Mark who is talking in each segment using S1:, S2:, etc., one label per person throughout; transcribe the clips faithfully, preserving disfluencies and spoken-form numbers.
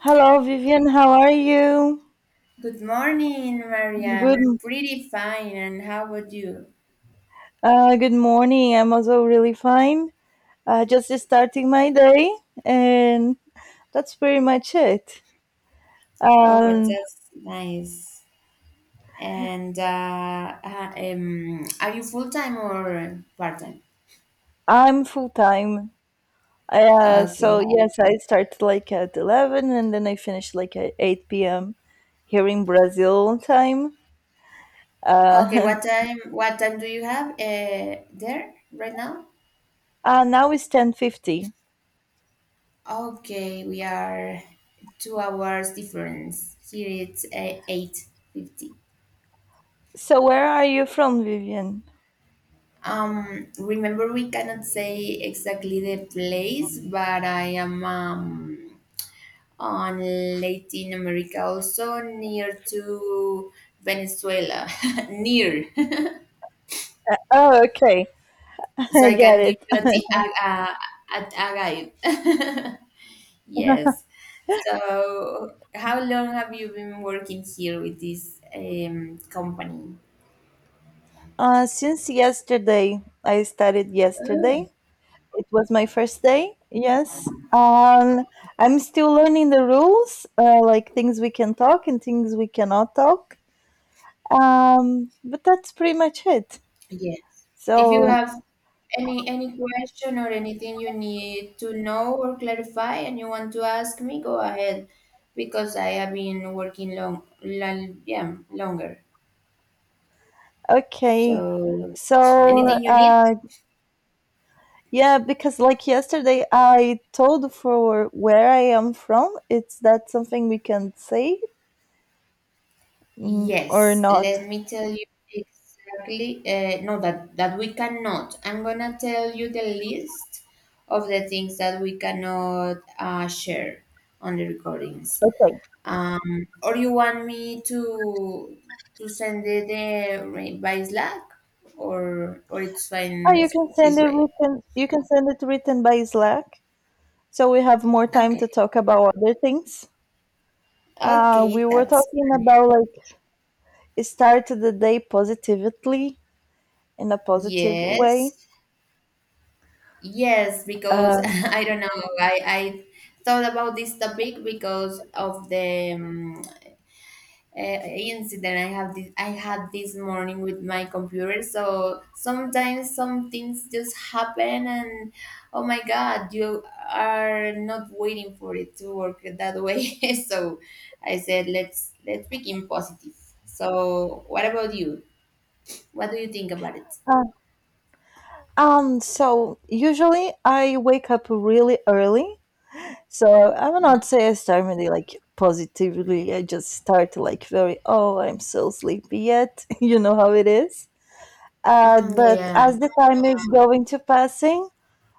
S1: Hello, Vivian. How are you?
S2: Good morning,
S1: Good.
S2: Mariam. Pretty fine. And how about you?
S1: Uh, good morning. I'm also really fine. Uh, just starting my day, and that's pretty much it.
S2: Oh, but
S1: Um,
S2: that's nice. And uh, ha- um, are you full time or part time?
S1: I'm full time. Uh, so
S2: Okay.
S1: yes, I start like at eleven, and then I finish like at eight p m here in Brazil time.
S2: Okay.
S1: Uh,
S2: What time? What time do you have uh, there right now?
S1: uh now it's ten fifty.
S2: Okay, we are two hours difference. Here it's uh, eight fifty.
S1: So where are you from, Vivian?
S2: Um, remember we cannot say exactly the place, but I am um on Latin America, also near to Venezuela, near.
S1: Oh, okay.
S2: So
S1: I
S2: I
S1: get
S2: can give
S1: it.
S2: you the a, a, a, a guide. Yes. So how long have you been working here with this um, company?
S1: Uh, since yesterday, I started yesterday. It was my first day. Yes. Um, I'm still learning the rules, uh, like things we can talk and things we cannot talk. Um, but that's pretty much it.
S2: Yes. If you
S1: So,
S2: have any any question or anything you need to know or clarify and you want to ask me, go ahead because I have been working long, long, yeah, longer.
S1: okay.
S2: So,
S1: So,
S2: anything you need?
S1: uh, yeah, because like yesterday, I told for where I am from. It's that something we can say mm, or
S2: Yes,
S1: not?
S2: let me tell you exactly. Uh, no, that that we cannot. I'm gonna tell you the list of the things that we cannot uh, share on the recordings. Um, or you want me to to send it uh, by Slack, or or it's
S1: Oh,
S2: fine
S1: you can send
S2: this
S1: it
S2: way.
S1: written. You can send it written by Slack, so we have more time to
S2: Okay,
S1: talk about other things. Uh,
S2: okay,
S1: we were
S2: that's
S1: talking
S2: fine.
S1: about like start the day positively in a positive way.
S2: Yes. Yes, because
S1: Um,
S2: I don't know. I, I thought about this topic because of the um, uh, incident I have this, I had this morning with my computer. So sometimes some things just happen, and oh my God, you are not waiting for it to work that way. So I said, let's let's begin positive. So what about you? What do you think about it?
S1: uh, um. So usually I wake up really early, so I would
S2: Yeah.
S1: not say I start my day like positively. I just start like very oh I'm so sleepy yet. You know how it is. Uh,
S2: Mm,
S1: but
S2: yeah.
S1: as the time is going to passing,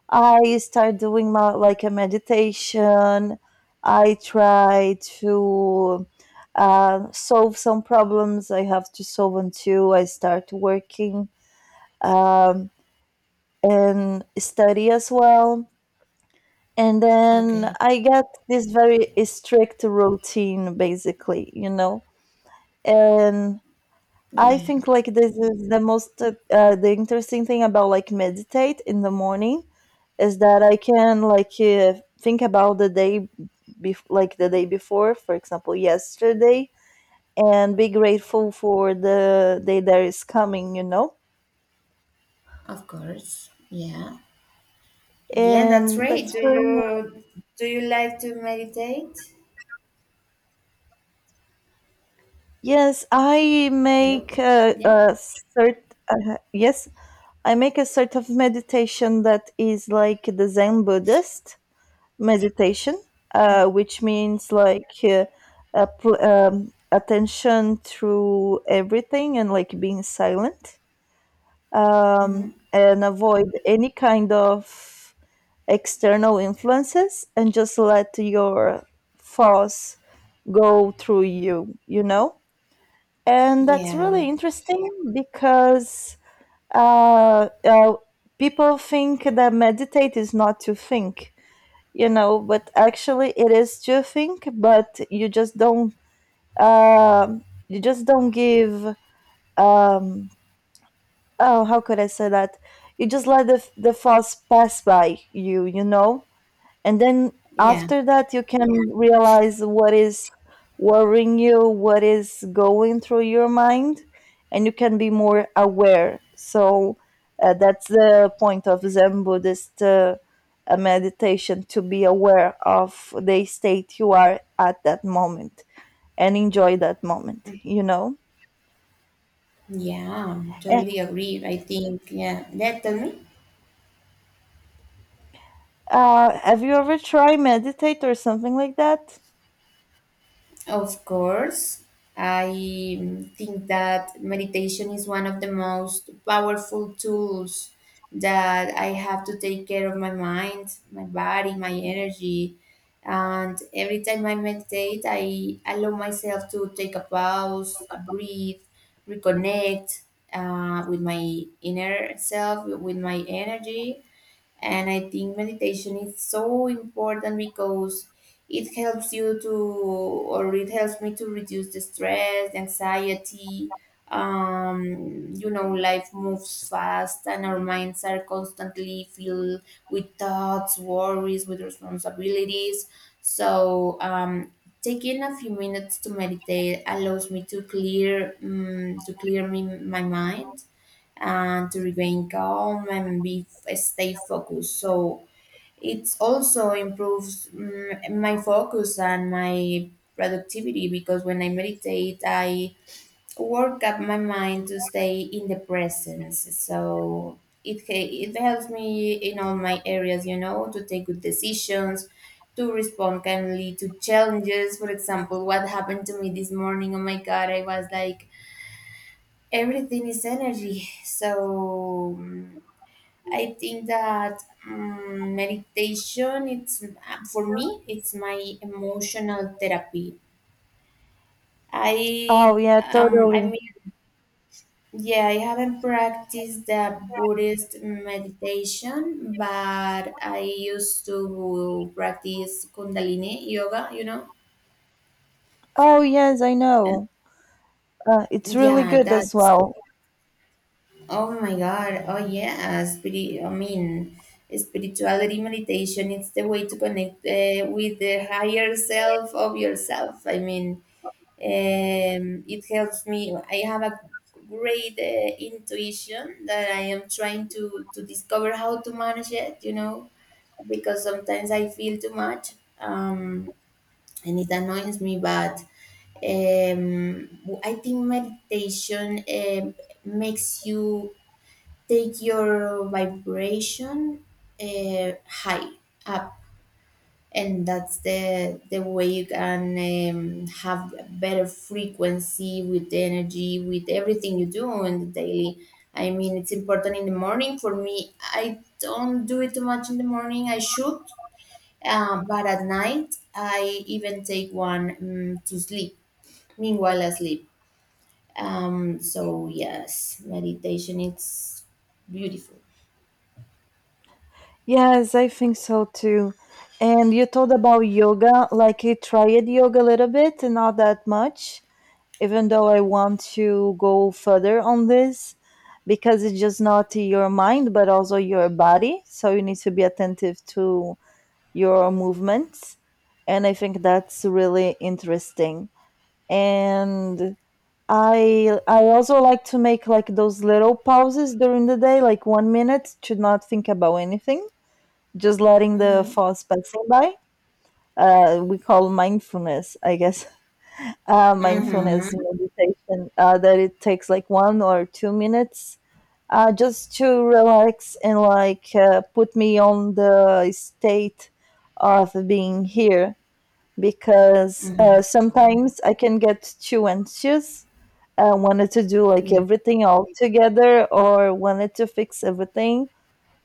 S1: I start doing my like a meditation. I try to uh, solve some problems I have to solve until I start working um, and study as well. And
S2: Yeah.
S1: then
S2: Okay.
S1: I get this very strict routine, basically, you know. And I
S2: Yeah.
S1: think like this is the most uh, uh, the interesting thing about like meditate in the morning is that I can like uh, think about the day bef- like the day before, for example, yesterday, and be grateful for the day that is coming, you know?
S2: Of course. Yeah. Yeah, that's
S1: And
S2: right.
S1: that's
S2: Do
S1: when
S2: you do you like to meditate?
S1: yes, I
S2: Hello?
S1: make a,
S2: Yeah.
S1: a cert uh, yes, I make a sort of meditation that is like the Zen Buddhist meditation, uh, which means like uh, a pl- um, attention through everything and like being silent
S2: Mm-hmm.
S1: um, and avoid any kind of external influences, and just let your thoughts go through you, you know? And that's
S2: Yeah.
S1: really interesting because uh, uh, people think that meditate is not to think, you know, but actually it is to think, but you just don't um you just don't give um oh how could I say that, you just let the the thoughts pass by you, you know, and then
S2: Yeah.
S1: after that you can realize what is worrying you, what is going through your mind, and you can be more aware. So uh, that's the point of Zen Buddhist uh, uh, meditation, to be aware of the state you are at that moment and enjoy that moment, you know,
S2: Yeah.
S1: and,
S2: Totally agree, I think. Yeah. Yeah. Tell me.
S1: uh, have you ever tried meditate or something like that?
S2: Of course, I mm, think that meditation is one of the most powerful tools that I have to take care of my mind, my body, my energy. And every time I meditate, I allow myself to take a pause, a breathe, reconnect uh, with my inner self, with my energy, and I think meditation is so important because it helps you to, or it helps me to reduce the stress, the anxiety. Um, you know, life moves fast, and our minds are constantly filled with thoughts, worries, with responsibilities. So, um, taking a few minutes to meditate allows me to clear, um, to clear me, my mind, and to remain calm and be stay focused. So it also improves mm, my focus and my productivity because when I meditate, I work up my mind to stay in the presence. So it he- it helps me in all my areas, you know, to take good decisions. To respond kindly to challenges. For example, what happened to me this morning? Oh my God, I was like everything is energy, so mm, I think that um, meditation, it's um, for me, it's my emotional therapy.
S1: Oh
S2: I
S1: yeah,
S2: um I mean,
S1: totally.
S2: yeah, I haven't practiced the Buddhist meditation, but I used to practice Kundalini yoga. You know,
S1: Oh yes, I
S2: and
S1: know. Uh, it's really
S2: yeah,
S1: good as
S2: that's
S1: well.
S2: oh my God. Oh yeah. Spirit, I mean, spirituality meditation. It's the way to connect uh, with the higher self of yourself. I mean, um, it helps me. I have a great uh, intuition that I am trying to to discover how to manage it. You know, because sometimes I feel too much, um, and it annoys me. But um, I think meditation um makes you take your vibration uh, high up, and that's the the way you can um, have a better frequency with the energy, with everything you do on the daily. I mean, it's important in the morning. For me, I don't do it too much in the morning, I should. Uh, but at night I even take one um, to sleep, meanwhile I sleep. Um, so yes, meditation, it's beautiful.
S1: Yes, I think so too. And you told about yoga, like I tried yoga a little bit, not that much, even though I want to go further on this because it's just not your mind but also your body. So you need to be attentive to your movements. And I think that's really interesting. And I I also like to make like those little pauses during the day, like one minute to not think about anything, just letting the
S2: Mhm.
S1: thoughts passing by. Uh, we call mindfulness, I guess. Uh, mindfulness
S2: Mm-hmm.
S1: meditation. Uh, that it takes like one or two minutes, uh, just to relax and like uh, put me on the state of being here because uh, sometimes I can get too anxious. I wanted to do like
S2: Yeah.
S1: everything all together or wanted to fix everything.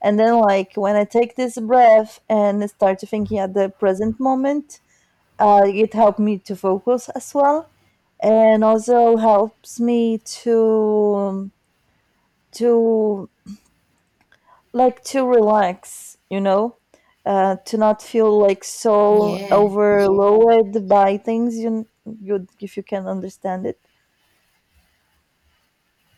S1: And then, like, when I take this breath and start thinking at the present moment, uh, it helped me to focus as well and also helps me to to like to relax, you know, uh, to not feel like so
S2: Yeah.
S1: overloaded by things. You, you if you can understand it.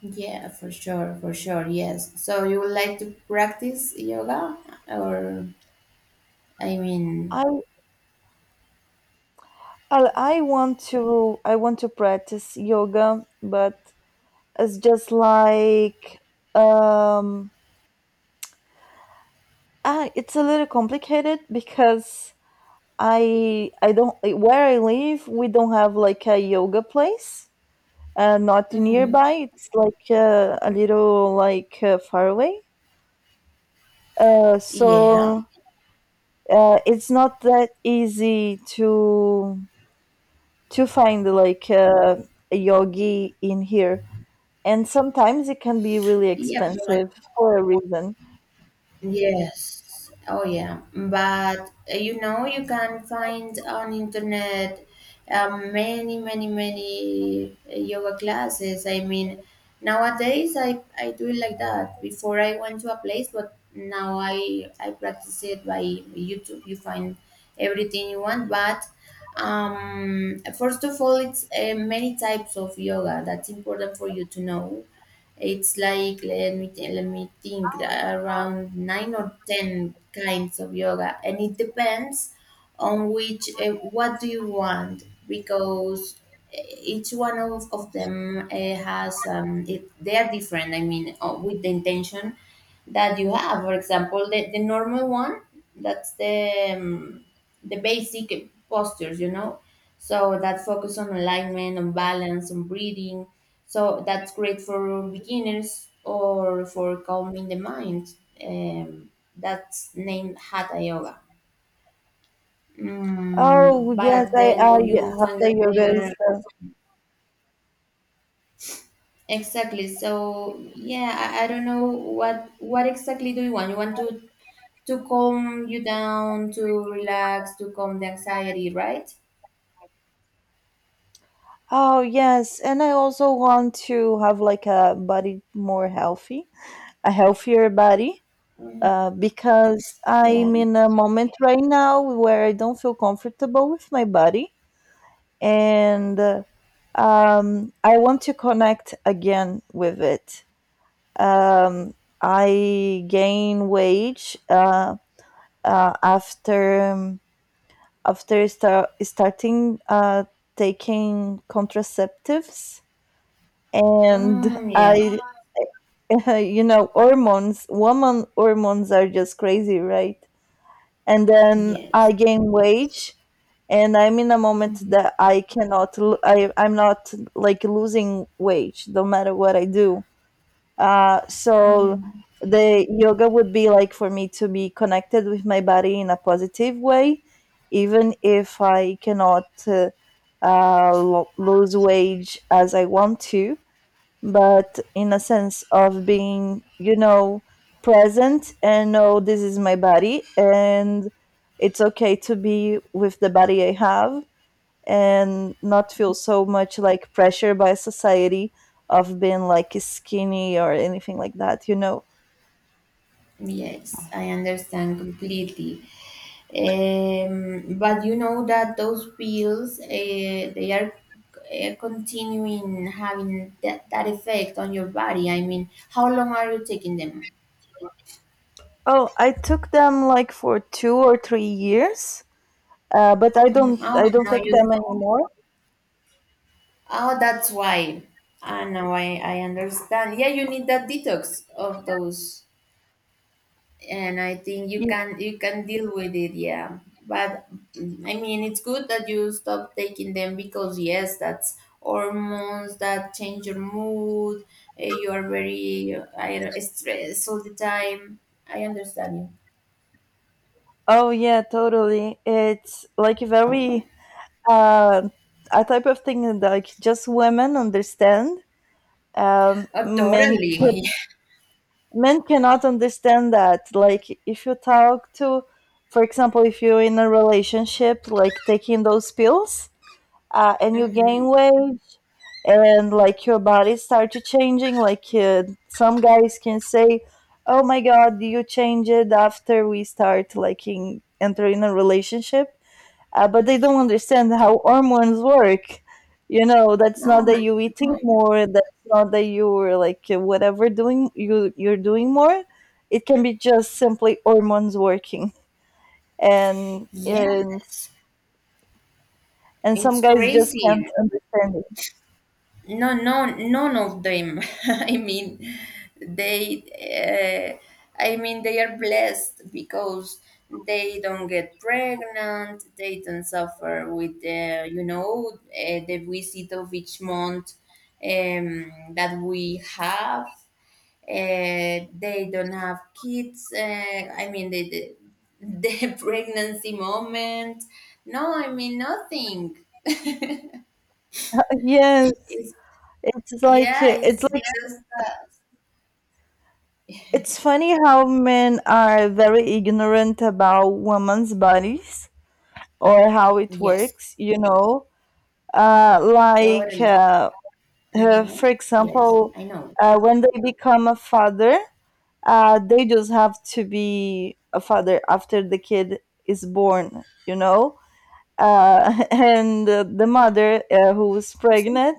S2: Yeah, for sure, for sure. Yes. So you would like to practice yoga, or I
S1: I,
S2: mean,
S1: I I want to I want to practice yoga, but it's just like um ah, it's a little complicated because I I don't where I live we don't have like a yoga place uh, not
S2: hmm
S1: nearby. It's like uh, a little like uh, far away. Uh,
S2: yeah.
S1: so uh, it's not that easy to to find like uh, a yogi in here, and sometimes it can be really
S2: Yeah, but
S1: expensive for a reason.
S2: yes. Oh yeah. But uh, you know you can find on internet, um, many, many, many, uh, yoga classes. I mean, nowadays I I do it like that. Before, I went to a place, but now I I practice it by YouTube. You find everything you want, but um first of all, it's uh, many types of yoga, that's important for you to know. It's like let me th- let me think, uh, around nine or ten kinds of yoga, and it depends on which uh, what do you want, because eh, each one of, of them uh, has um, it, they are different. I mean, uh, with the intention that you have. For example, the, the normal one, that's the um, the basic postures, you know. So that focus on alignment, on balance, on breathing, so that's great for beginners or for calming the mind. Um, that's named Hatha Yoga.
S1: Oh
S2: Mm,
S1: yes,
S2: but
S1: I
S2: then
S1: I
S2: you find
S1: hatha yoga is.
S2: another.
S1: Uh,
S2: Exactly. So yeah, I, I don't know what what exactly do you want? You want to to calm you down, to relax, to calm the anxiety, right?
S1: oh yes, and I also want to have like a body more healthy, a healthier body.
S2: Mm,
S1: Uh, because
S2: yeah.
S1: I'm in a moment right now where I don't feel comfortable with my body, and uh, um, I want to connect again with it. Um, I gain weight uh, uh, after um, after start, starting uh, taking contraceptives, and
S2: Mm, yeah.
S1: I, you know, hormones. Woman hormones are just crazy, right? And then
S2: Yes.
S1: I gain weight, and I'm in a moment that I cannot, l- I, I'm not like losing weight no matter what I do. Uh, so
S2: Mhm.
S1: the yoga would be like for me to be connected with my body in a positive way, even if I cannot uh, uh, lo- lose weight as I want to, but in a sense of being, you know, present and know this is my body and it's okay to be with the body I have and not feel so much like pressure by society of being like skinny or anything like that, you know.
S2: Yes, I understand completely. Um, but you know that those pills, uh, they are uh, continuing having that, that effect on your body. I mean, how long are you taking them?
S1: Oh, I took them like for two or three years, uh, but I
S2: Mhm.
S1: don't
S2: Oh,
S1: I
S2: and
S1: don't
S2: now
S1: take
S2: you
S1: them
S2: stop.
S1: anymore.
S2: Oh, that's why. Ah, now I, I understand. Yeah, you need that detox of those, and I think you
S1: You-
S2: can you can deal with it, yeah. But mm, I mean, it's good that you stop taking them because yes, that's hormones that change your mood. eh, You are very uh, I don't- stressed all the time. I understand you.
S1: Oh yeah, totally. It's like very uh, a type of thing that like just women understand. Um,
S2: Oh,
S1: men
S2: totally.
S1: men cannot understand that. Like, if you talk to, for example, if you're in a relationship, like taking those pills, uh, and you
S2: Mm-hmm.
S1: gain weight, and like your body starts changing. Like, uh, some guys can say, "Oh my God, you changed after we start like in, entering a relationship," uh, but they don't understand how hormones work. You know, that's
S2: No,
S1: not that you
S2: I- no,
S1: eating
S2: I-
S1: more. That's not that you were like uh, whatever doing you you're doing more. It can be just simply hormones working, and and
S2: yes,
S1: and some
S2: it's
S1: guys just can't
S2: crazy.
S1: understand it.
S2: No, no, none of them. I mean, they, uh, I mean, they are blessed because they don't get pregnant. They don't suffer with the, you know, uh, the visit of each month um, that we have. Uh, they don't have kids. Uh, I mean, the, the the pregnancy moment. No, I mean nothing.
S1: Yes,
S2: It's
S1: it's like
S2: yeah.
S1: uh, it's
S2: It's
S1: like
S2: just
S1: it's funny how men are very ignorant about women's bodies or how it
S2: yes.
S1: works. You know, uh, like.
S2: Totally.
S1: Uh, Uh,
S2: Uh-huh.
S1: for
S2: Yes,
S1: example,
S2: I know.
S1: uh, when they become a father, uh, they just have to be a father after the kid is born, you know? Uh, and uh, the mother uh, who is
S2: Excellent.
S1: pregnant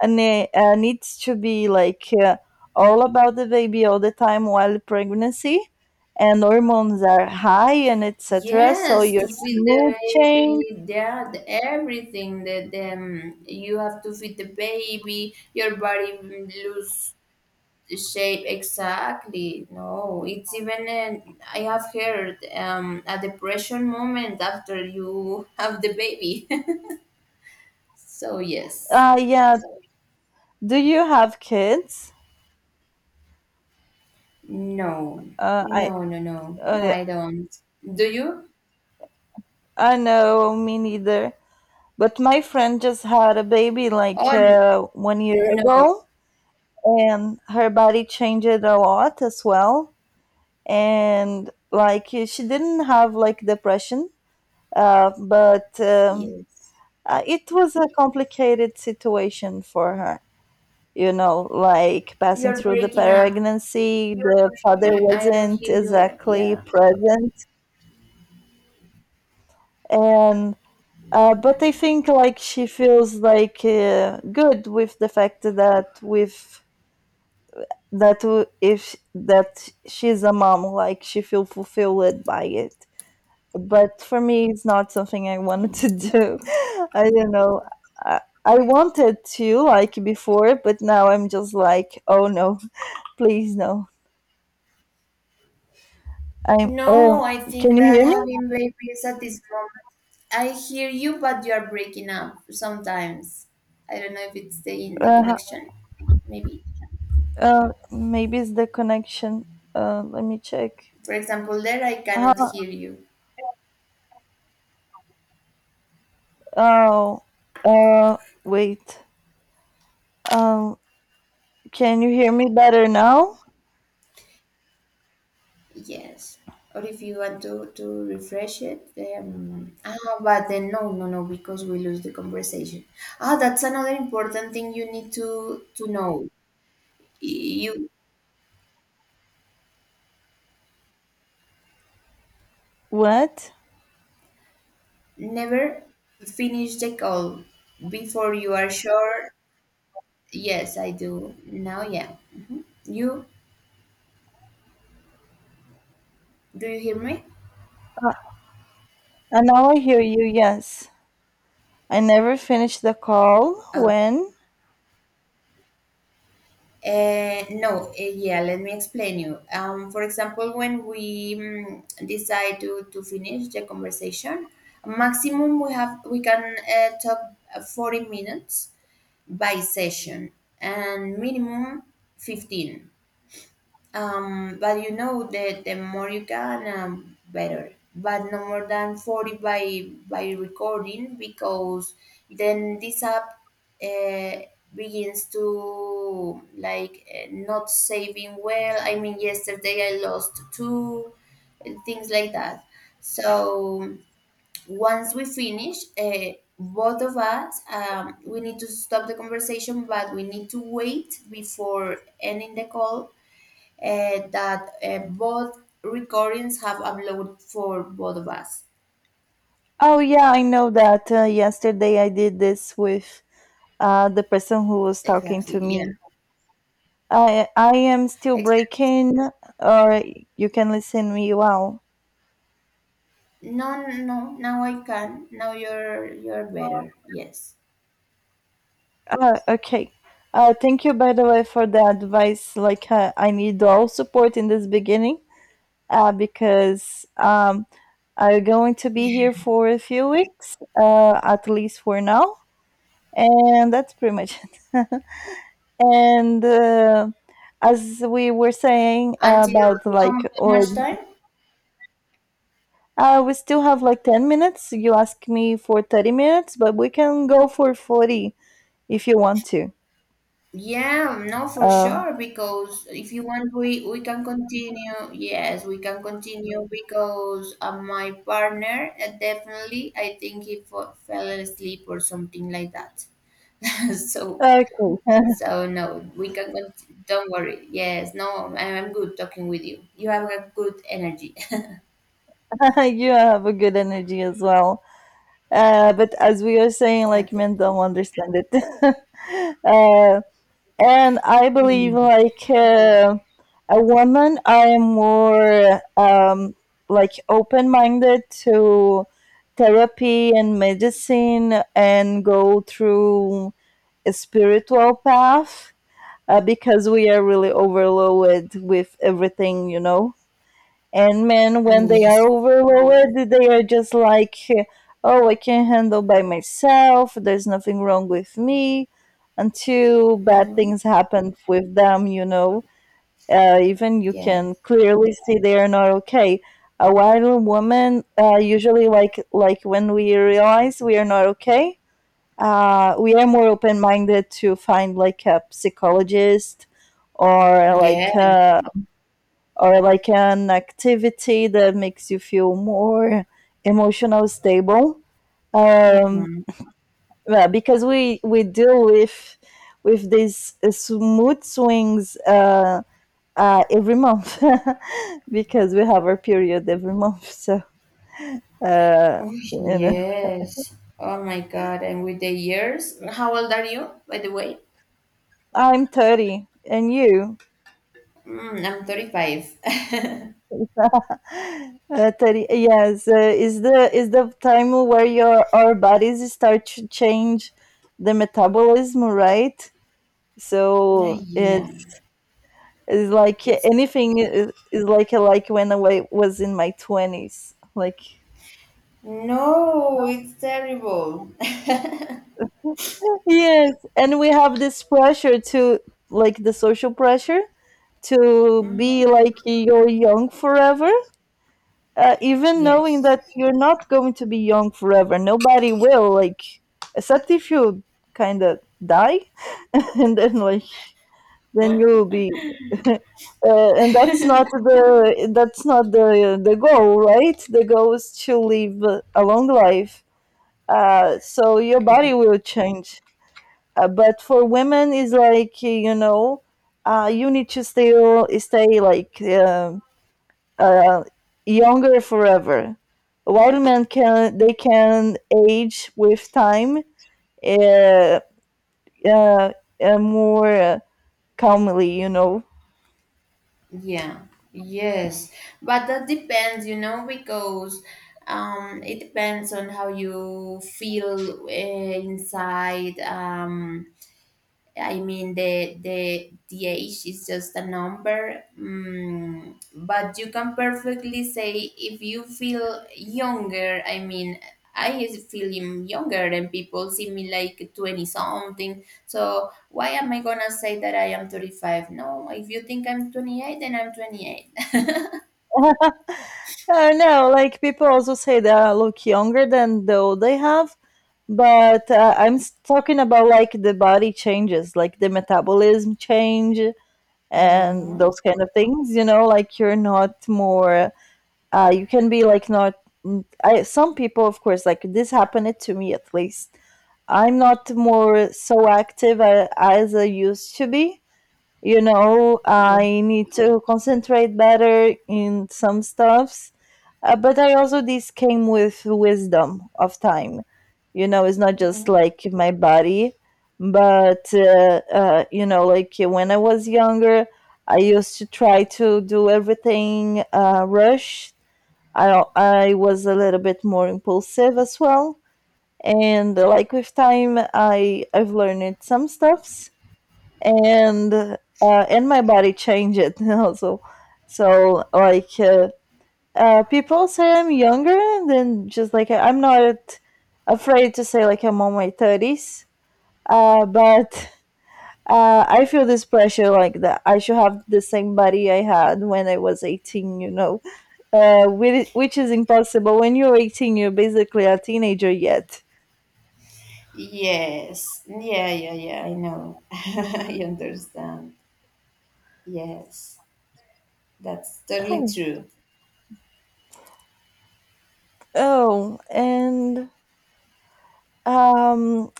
S1: and, uh, uh, needs to be like uh, all about the baby all the time while pregnancy, and hormones are high and et cetera. So
S2: Yes,
S1: your
S2: to feed the
S1: mood change.
S2: baby, that everything that um, you have to feed the baby, your body lose shape. Exactly. No, it's even an, I have heard um, a depression moment after you have the baby. So yes.
S1: Uh, yeah. Do you have kids?
S2: No.
S1: Uh, I
S2: No, no, no. No,
S1: uh,
S2: I don't. Do you?
S1: I know, me neither. But my friend just had a baby
S2: Oh,
S1: like
S2: n-
S1: uh, one year
S2: no.
S1: ago, and her body changed a lot as well. And like she didn't have like depression, uh, but um,
S2: Yes.
S1: uh, it was a complicated situation for her. You know, like passing
S2: You're
S1: through the
S2: breaking up.
S1: pregnancy, the father
S2: You, I don't
S1: wasn't
S2: hear you.
S1: exactly
S2: Yeah.
S1: present, and Uh, but I think like she feels like uh, good with the fact that with that w- if that she's a mom, like she feel fulfilled by it. But for me, it's not something I wanted to do. I don't know. I, I wanted to like before, but now I'm just like, oh no, please no. I'm. Oh,
S2: No, I
S1: can
S2: think
S1: you
S2: that
S1: hear me?
S2: having babies at this moment, I hear you, but you're breaking up sometimes. I don't know if it's the in the
S1: Uh,
S2: connection. Maybe.
S1: uh, maybe it's the connection. Uh, let me check.
S2: For example, there I cannot
S1: Huh?
S2: hear you.
S1: Oh, uh, wait. Um, can you hear me better now?
S2: Yes. Or if you want to, to refresh it, um, ah, but then no, no, no, because we lose the conversation. Ah, that's another important thing you need to to know. You
S1: What?
S2: Never finish the call before you are sure. Yes, I do now, yeah. Mhm. You, do you hear me?
S1: Uh, uh, now I hear you, yes. I never finished the call.
S2: Uh,
S1: When?
S2: eh, no, eh, yeah, let me explain you. Um, for example, when we mm, decide to, to finish the conversation, maximum we have we can uh, talk uh, forty minutes by session, and minimum fifteen. Um, but you know that the more you can, um, better. But no more than forty by by recording, because then this app uh, begins to like uh, not saving well. I mean, yesterday I lost two uh, things like that. So once we finish, uh, both of us, um, we need to stop the conversation, but we need to wait before ending the call uh, that uh, both recordings have upload for both of us.
S1: Oh, yeah, I know that. Uh, yesterday I did this with uh, the person who was talking
S2: Exactly.
S1: to
S2: Yeah.
S1: me. I I am still
S2: Exactly.
S1: breaking, or you can listen me well.
S2: No, no, no. Now I can. Now you're you're better. Yes.
S1: Uh, okay. Uh, thank you, by the way, for the advice. Like, uh, I need all support in this beginning uh, because um, I'm going to be here for a few weeks, uh, at least for now, and that's pretty much it. And uh, As we were saying
S2: Until
S1: about
S2: how, mu-
S1: like,
S2: how much
S1: oh,
S2: time?
S1: uh, we still have like ten minutes. You asked me for thirty minutes, but we can go for forty if you want to.
S2: Yeah. No, for
S1: Uh,
S2: sure. Because if you want, we we can continue. Yes, we can continue because uh, my partner uh, definitely, I think he fa- fell asleep or something like that. so
S1: okay,
S2: So no, we can. cont- Don't worry. Yes, no, I- I'm good talking with you. You have a good energy.
S1: you have a good energy as well. Uh, but as we are saying,
S2: I
S1: like
S2: thank
S1: men
S2: you.
S1: don't understand it. uh, and I believe
S2: Mm.
S1: like uh, a woman, I am more um, like open minded to therapy and medicine and go through a spiritual path uh, because we are really overloaded with everything, you know. And men,
S2: Mm,
S1: when they are
S2: yes.
S1: overloaded, they are just like, oh, I can handle by myself. There's nothing wrong with me until bad
S2: Mm-hmm.
S1: things happen with them, you know. Uh, even you can
S2: Yes.
S1: clearly see they are not okay. A wild woman, uh, usually like like when we realize we are not okay, uh, we are more open minded to find like a psychologist or like
S2: Yes.
S1: uh, or like an activity that makes you feel more emotional stable um,
S2: Mm-hmm.
S1: yeah, because we we deal with with these mood swings uh, uh, every month because we have our period every month so uh,
S2: Oh
S1: you know,
S2: yes. Oh my God! And with the years, how old are you, by the way?
S1: I'm thirty. And you,
S2: Mm, I'm thirty-five.
S1: uh, thirty, yes, uh, is the is the time where your our bodies start to change the metabolism, right?
S2: Ah,
S1: So
S2: yeah.
S1: it's, it's like
S2: It's
S1: anything is, is like like when I wa- was in my twenties. Like,
S2: No, it's terrible.
S1: yes, and we have this pressure to, like, the social pressure to
S2: hmm
S1: be like you're young forever, uh, even knowing
S2: Yes.
S1: that you're not going to be young forever. Nobody will, like, except if you kind of die, and then like then you'll be Uh, and that's not the that's not the the goal, right? The goal is to live a long life. Uh, so your body will change. Uh, but for women, it's like, you know, uh, you need to still stay like uh, uh, younger forever. While men can they can age with time, uh, uh, uh, more calmly, you know.
S2: Yeah, yes, but that depends, you know, because um, it depends on how you feel uh, inside. Um, I mean, the the the age is just a number, mm, but you can perfectly say if you feel younger. I mean, I is feeling younger, and people see me like twenty something. So why am I gonna say that I am thirty five? No, if you think I'm twenty eight, then I'm twenty eight.
S1: I know, like people also say they are look younger than the old they have, but uh, I'm s- talking about like the body changes, like the metabolism change and
S2: Mm-hmm.
S1: those kind of things. You know, like you're not more. Uh, you can be like not. mm, I, some people, of course, like this happened to me at least. I'm not more so active uh, as I used to be. You know,
S2: Yeah.
S1: I need to concentrate better in some stuffs, uh, but I also this came with wisdom of time. You know, it's not just
S2: Mm-hmm.
S1: like my body, but uh, uh, you know, like when I was younger, I used to try to do everything uh, rush. I I was a little bit more impulsive as well, and uh, like with time, I I've learned some stuffs, and uh, and my body changed also. So like. Uh, uh, people say I'm younger, and then just like I'm not afraid to say like I'm on my thirties. Uh, but uh, I feel this pressure like that I should have the same body I had when I was eighteen, you know, uh, which, which is impossible. When you're eighteen, you're basically a teenager yet.
S2: Yes. Yeah, yeah, yeah, I know. I understand. Yes. That's totally
S1: Oh,
S2: true.
S1: oh, and um,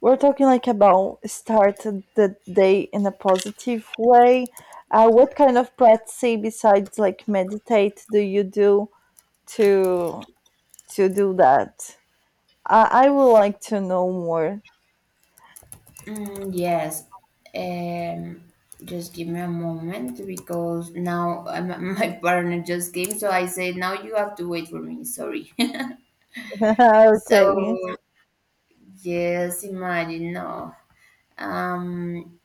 S1: we're talking like about start the day in a positive way. Uh, what kind of practice besides like meditate do you do to to do that? I, I would like to know more.
S2: Mm, yes. Um, just give me a moment because now uh, my my partner just came, so I said, now you have to wait for me. Sorry.
S1: Okay.
S2: So, yes, imagine, no. Um,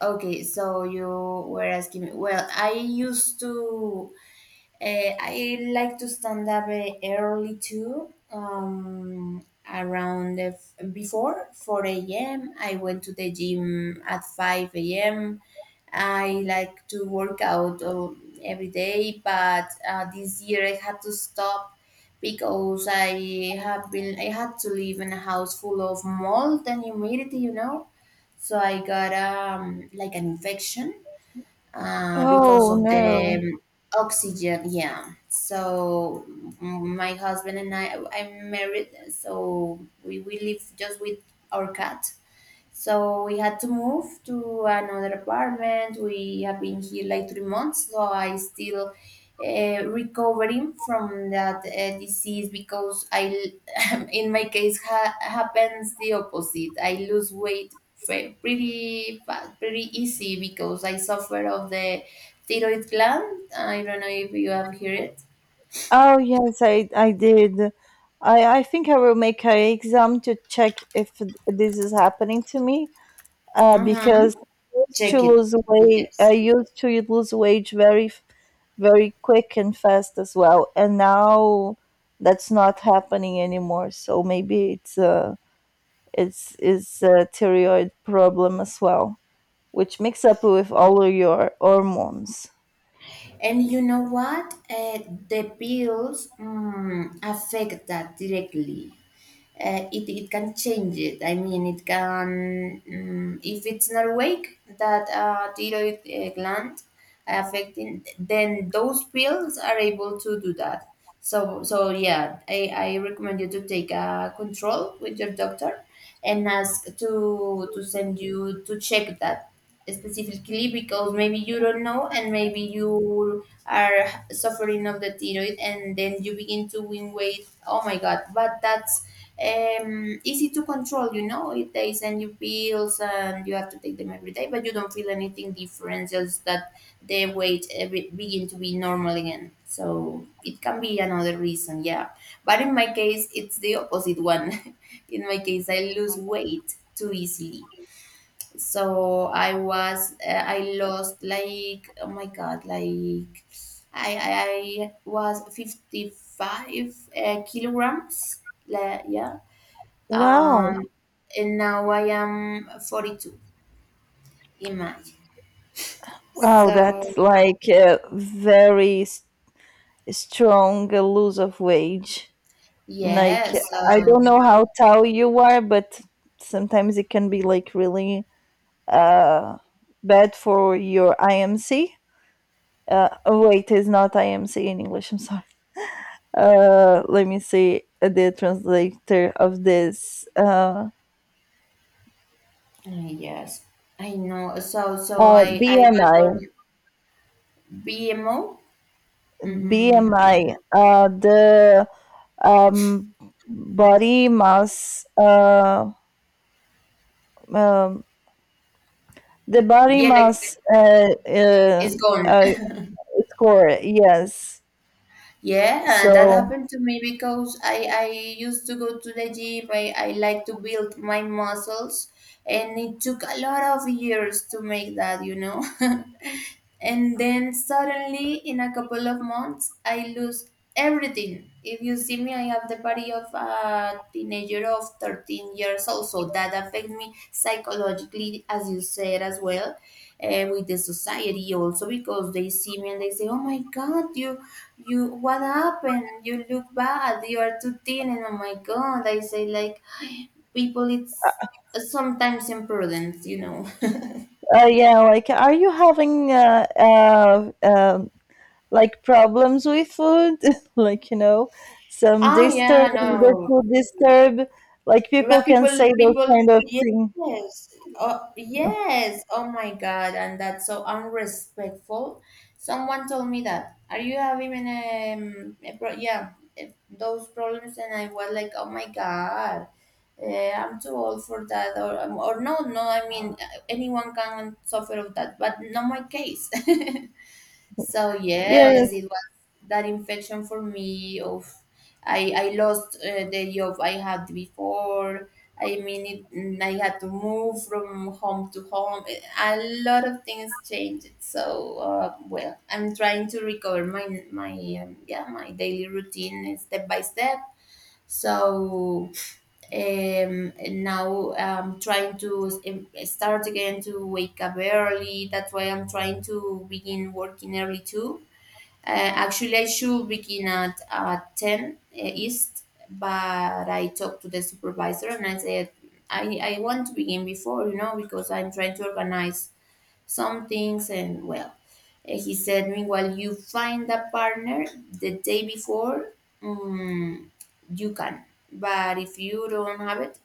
S2: okay, so you were asking me. Well, I used to. Uh, I like to stand up uh, early too. Um, around uh, before four a m. I went to the gym at five a m. I like to work out um, every day, but uh, this year I had to stop because I have been I had to live in a house full of mold and humidity, you know. So I got um like an infection uh, because
S1: Oh
S2: of
S1: no.
S2: the um, oxygen. Yeah. So mm, my husband and I, I'm married, so we, we live just with our cat. So we had to move to another apartment. We have been here like three months, so I still uh, recovering from that uh, disease because I, in my case, ha- happens the opposite. I lose weight fa- pretty fa- pretty easy because I suffer of the thyroid gland. I don't know if you have heard it.
S1: Oh yes, I I did. I I think I will make an exam to check if this is happening to me. Uh,
S2: Hmm
S1: because I used to
S2: Check it.
S1: lose weight. I
S2: Yes.
S1: used to lose weight very very quick and fast as well. And now that's not happening anymore. So maybe it's a it's it's a thyroid problem as well, which mix up with all of your hormones.
S2: And you know what? Uh, the bills mm, affect that directly uh, it, it can change it. I mean, it can, um, if it's not awake, that uh, thyroid uh, gland affecting, then those pills are able to do that. So, so yeah, I, I recommend you to take a control with your doctor and ask to to send you to check that specifically because maybe you don't know and maybe you are suffering of the thyroid and then you begin to win weight. Oh my god, but that's um, easy to control. You know, if they send you pills and you have to take them every day, but you don't feel anything different. Just that the weight every, begin to be normal again. So it can be another reason, yeah. But in my case, it's the opposite one. In my case, I lose weight too easily. So I was, uh, I lost like, oh my God, like I, I, I was fifty-five uh, kilograms. Like, yeah
S1: Wow,
S2: um, and now I am forty-two. Imagine.
S1: wow, that's
S2: So
S1: like a very s- strong lose of wage. Like,
S2: yeah,
S1: I don't know
S2: so
S1: how tall you are, but sometimes it can be like really uh bad for your I M C. Uh, oh, wait, it's not I M C in English. I'm sorry. Uh, let me see the translator of this. Uh,
S2: uh, yes, I know. So so
S1: uh,
S2: I I
S1: B M I,
S2: begun B M O. Mm,
S1: uh, the um, body mass, uh, um, the body
S2: yeah, like
S1: mass uh, uh,
S2: it's gone.
S1: uh, score. Yes.
S2: Yeah, that
S1: So,
S2: happened to me because I I used to go to the gym. I I like to build my muscles, and it took a lot of years to make that. You know. And then suddenly in a couple of months I lose everything. If you see me, I have the body of a teenager of thirteen years old, so that affects me psychologically as you said as well. And with the society also, because they see me and they say, oh my god, you you, what happened? You look bad, you are too thin, and oh my god, I say, like, people it's sometimes imprudent, you know.
S1: uh, yeah, like, are you having uh, uh, um like problems with food, like you know, some
S2: Ah, yeah,
S1: disturb the
S2: no,
S1: food disturb, like
S2: where
S1: people can
S2: people
S1: say those
S2: people,
S1: kind of
S2: yes.
S1: thing.
S2: Oh yes, oh my god, and that's so unrespectful. Someone told me that, are you having an um, a pro- yeah, eh, those problems, and I was like, oh my god, eh, I'm too old for that. Or, or no, no, I mean, anyone can suffer of that, but not my case. So
S1: Yes.
S2: yes, it was that infection for me of I I lost uh, the job I had before. I mean, it, mm, I had to move from home to home. Eh, a lot of things changed. So uh, well, I'm trying to recover my my um, yeah, my daily routine step by step. So um, now I'm trying to s- em- start again to wake up early. That's why I'm trying to begin working early too. Uh, actually, I should begin at uh, ten uh, East, but I talked to the supervisor and I said, I, I want to begin before, you know, because I'm trying to organize some things. And well, uh, he said, meanwhile, you find a partner the day before, mm, you can. But if you don't have it,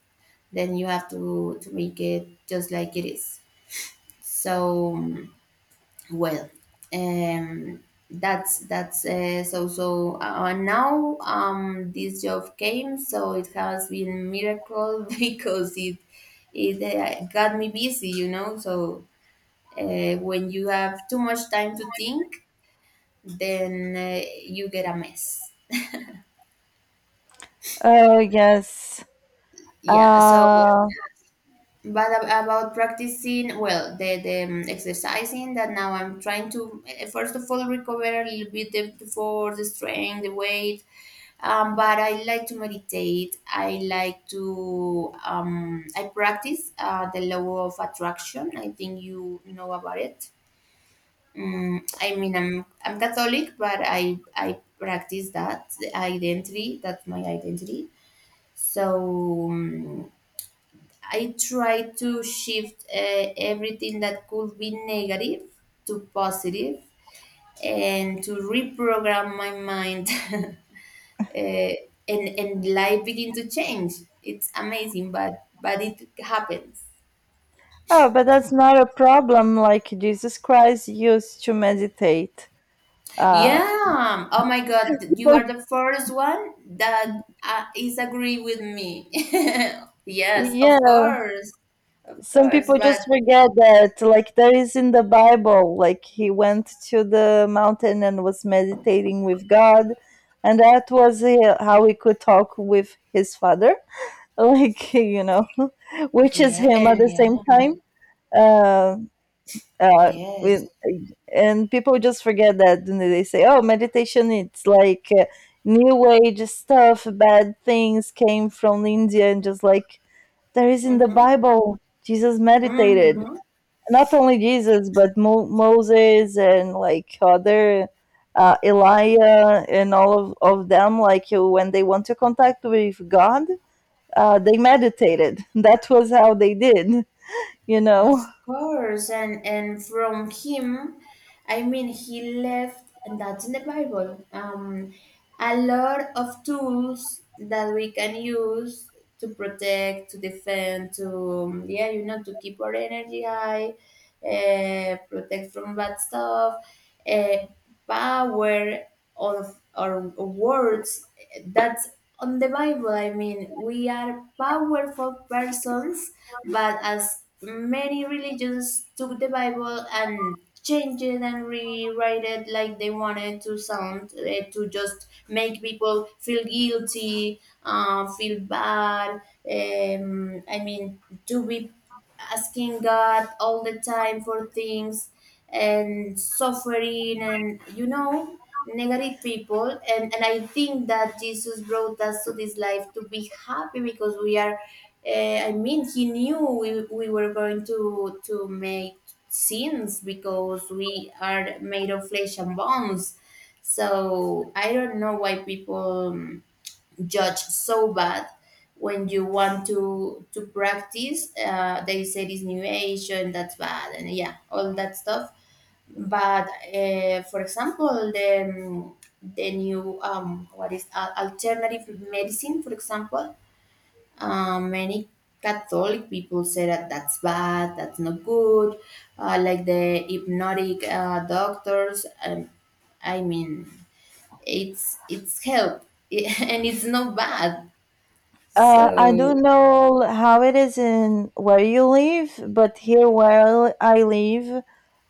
S2: then you have to, to make it just like it is. So mm, well, um, that's that's uh, so so. Uh, now, um, this job came, so it has been miracle because it it uh, got me busy, you know. So uh, when you have too much time to think, then uh, you get a mess.
S1: Oh yes.
S2: Yeah. So
S1: Uh,
S2: but ab- about practicing well the, the um, exercising, that now I'm trying to eh, first of all recover a little bit the, the force, the strength, the weight. Um, but I like to meditate, I like to um, I practice uh, the law of attraction, I think you know about it. Mm, I mean, I'm I'm Catholic, but I I practice that, the identity. That's my identity. So um, I tried to shift uh, everything that could be negative to positive, and to reprogram my mind. uh, and, and life begin to change. It's amazing, but but it happens.
S1: oh, but that's not a problem. Like Jesus Christ used to meditate. Uh,
S2: Yeah. Oh my God, you are
S1: people.
S2: the first one that uh, is agree with me. Yes, of
S1: Yes.
S2: course, of
S1: Some
S2: course.
S1: people
S2: But
S1: just forget that, like there is in the Bible, like he went to the mountain and was meditating with God, and that was uh, how he could talk with his father, like you know, which is
S2: yeah,
S1: him at
S2: and
S1: the
S2: yeah,
S1: same time. Uh, uh,
S2: yes.
S1: with, and people just forget that, and they say, "Oh, meditation, it's like uh, new age stuff. Bad things came from India, and just like there is in the
S2: Mm-hmm.
S1: Bible." Jesus meditated,
S2: Mm-hmm.
S1: not only Jesus, but Mo- Moses and like other uh, Elijah and all of, of them, like you, when they want to contact with God, uh, they meditated. That was how they did, you know.
S2: Of course, and and from him, I mean, he left, and that's in the Bible, um, a lot of tools that we can use to protect, to defend, to um, yeah, you know, to keep our energy high, uh, protect from bad stuff, uh, power or of or words that's on the Bible. I mean, we are powerful persons, but as many religions took the Bible and changed it and rewrite it like they wanted to sound, eh, to just make people feel guilty, uh, feel bad, um, I mean, to be asking God all the time for things, and suffering, and you know, negative people. And and I think that Jesus brought us to this life to be happy, because we are uh, I mean, he knew we, we were going to to make sins because we are made of flesh and bones. So I don't know why people um, judge so bad when you want to to practice. Uh, they say this new age and that's bad and yeah, all that stuff. But uh, for example, the um, the new um what is al- alternative medicine, for example. Uh, many Catholic people say that that's bad, that's not good. Uh, like the hypnotic uh, doctors, um, I mean, it's it's help and it's not bad.
S1: Uh, I
S2: So,
S1: don't know how it is in where you live, but here where I live,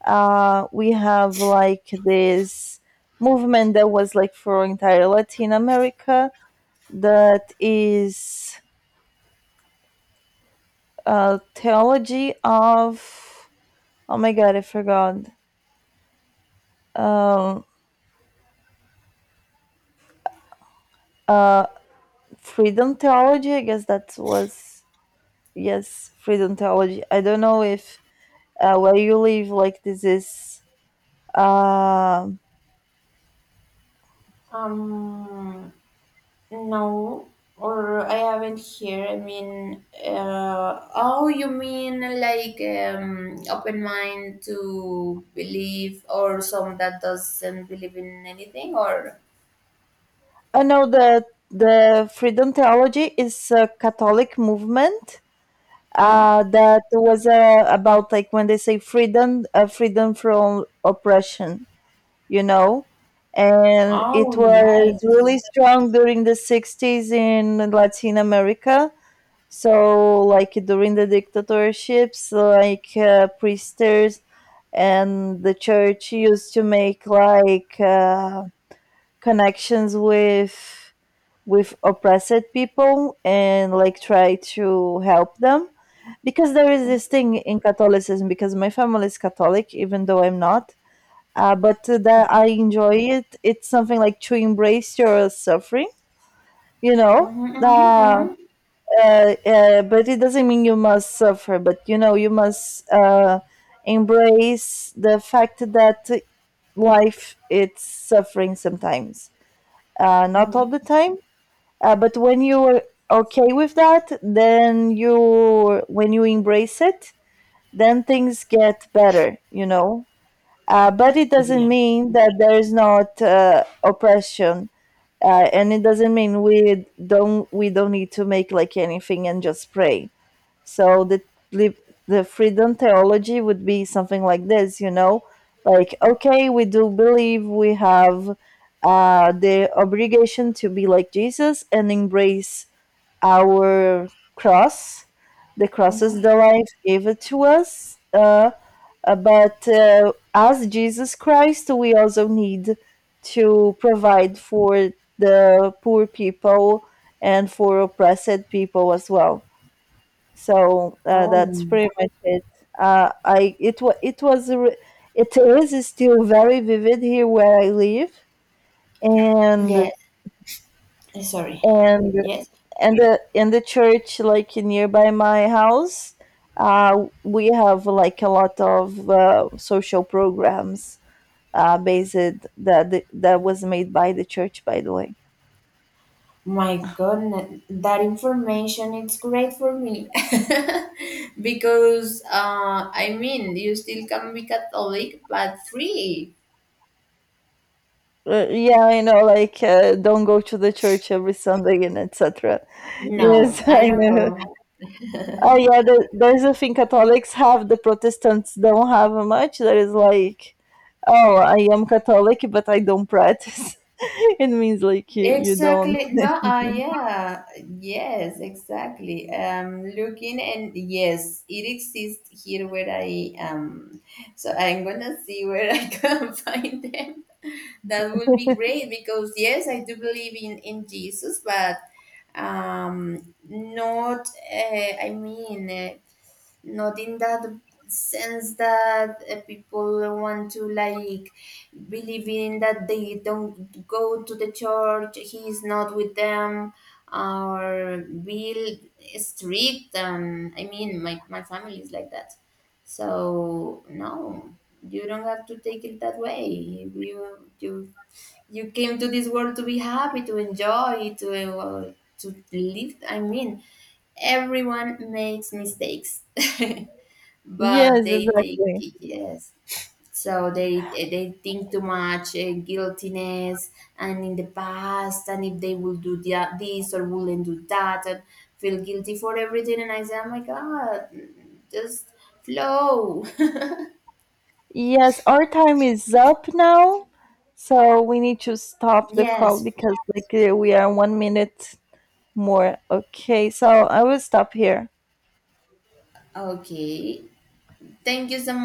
S1: uh, we have like this movement that was like for entire Latin America that is uh, theology of oh my god, I forgot. Um, uh, freedom theology. I guess that was, yes, freedom theology. I don't know if uh, where you live, like this is. Uh,
S2: Um, no, or I haven't here. I mean, uh, oh, you mean like um, open mind to believe, or some that doesn't believe in anything, or
S1: I know that the freedom theology is a Catholic movement.
S2: uh-huh.
S1: Uh, that was uh, about like when they say freedom, uh, freedom from oppression, you know, and it
S2: Oh,
S1: was
S2: nice.
S1: really strong during the sixties in Latin America. So like during the dictatorships, like uh, priesters and the church used to make like uh, connections with with oppressed people and like try to help them, because there is
S2: Mm-hmm,
S1: this thing in Catholicism, because my family is Catholic even though I'm not. Uh, but that I enjoy it. It's something like to embrace your suffering, you know. Uh,
S2: mm-hmm,
S1: uh, uh, but it doesn't mean you must suffer, but you know, you must uh, embrace the fact that life it's suffering sometimes, uh, not
S2: mm-hmm,
S1: all the time. Uh, but when you are okay with that, then you, when you embrace it, then things get better, you know. Uh, but it
S2: yeah.
S1: doesn't mean that there is not uh, oppression, uh, and it doesn't mean we don't we don't need to make like anything and just pray. So the lib- the freedom theology would be something like this, you know, like okay, we do believe we have uh, the obligation to be like Jesus and embrace our cross. The cross
S2: Mm-hmm.
S1: is the life gave it to us. Uh, uh, but uh, as Jesus Christ, we also need to provide for the poor people and for oppressed people as well. So uh, that's
S2: Oh,
S1: pretty much it. Uh, I, it was it was a re- it is still very vivid here where I live, and
S2: yes. Sorry.
S1: and
S2: Yes.
S1: and the and the church like nearby my house. Uh, we have like a lot of uh, social programs uh, based that the, that was made by the church, by the way.
S2: My goodness, that information it's great for me because uh, I mean, you still can be Catholic but free.
S1: Uh, yeah, I know, like uh, don't go to the church every Sunday and et cetera.
S2: No,
S1: Yes,
S2: I
S1: I
S2: don't
S1: know.
S2: go.
S1: Oh yeah, the, there's a thing Catholics have, the Protestants don't have much. There is like, oh, I am Catholic, but I don't practice. It means like you you don't.
S2: Exactly. No, uh, yeah. Yes, exactly. Um, looking, and yes, it exists here where I am. So I'm gonna see where I can find them. That will be great, because yes, I do believe in in Jesus, but um, not. Uh, I mean, uh, not in that sense that uh, people want to, like, believe in, that they don't go to the church, he's not with them, or be strict. um, I mean, my, my family is like that. So no, you don't have to take it that way. You you, you came to this world to be happy, to enjoy, to uh, to live. I mean, everyone makes mistakes. But
S1: Yes,
S2: they take,
S1: exactly.
S2: yes, so they they think too much uh, guiltiness, and in the past, and if they will do that, this, or wouldn't do that, and feel guilty for everything, and I say, oh my god, just flow.
S1: Yes, our time is up now, so we need to stop the call
S2: Yes.
S1: because like uh, we are one minute more. Okay, so I will stop here.
S2: Okay, thank you so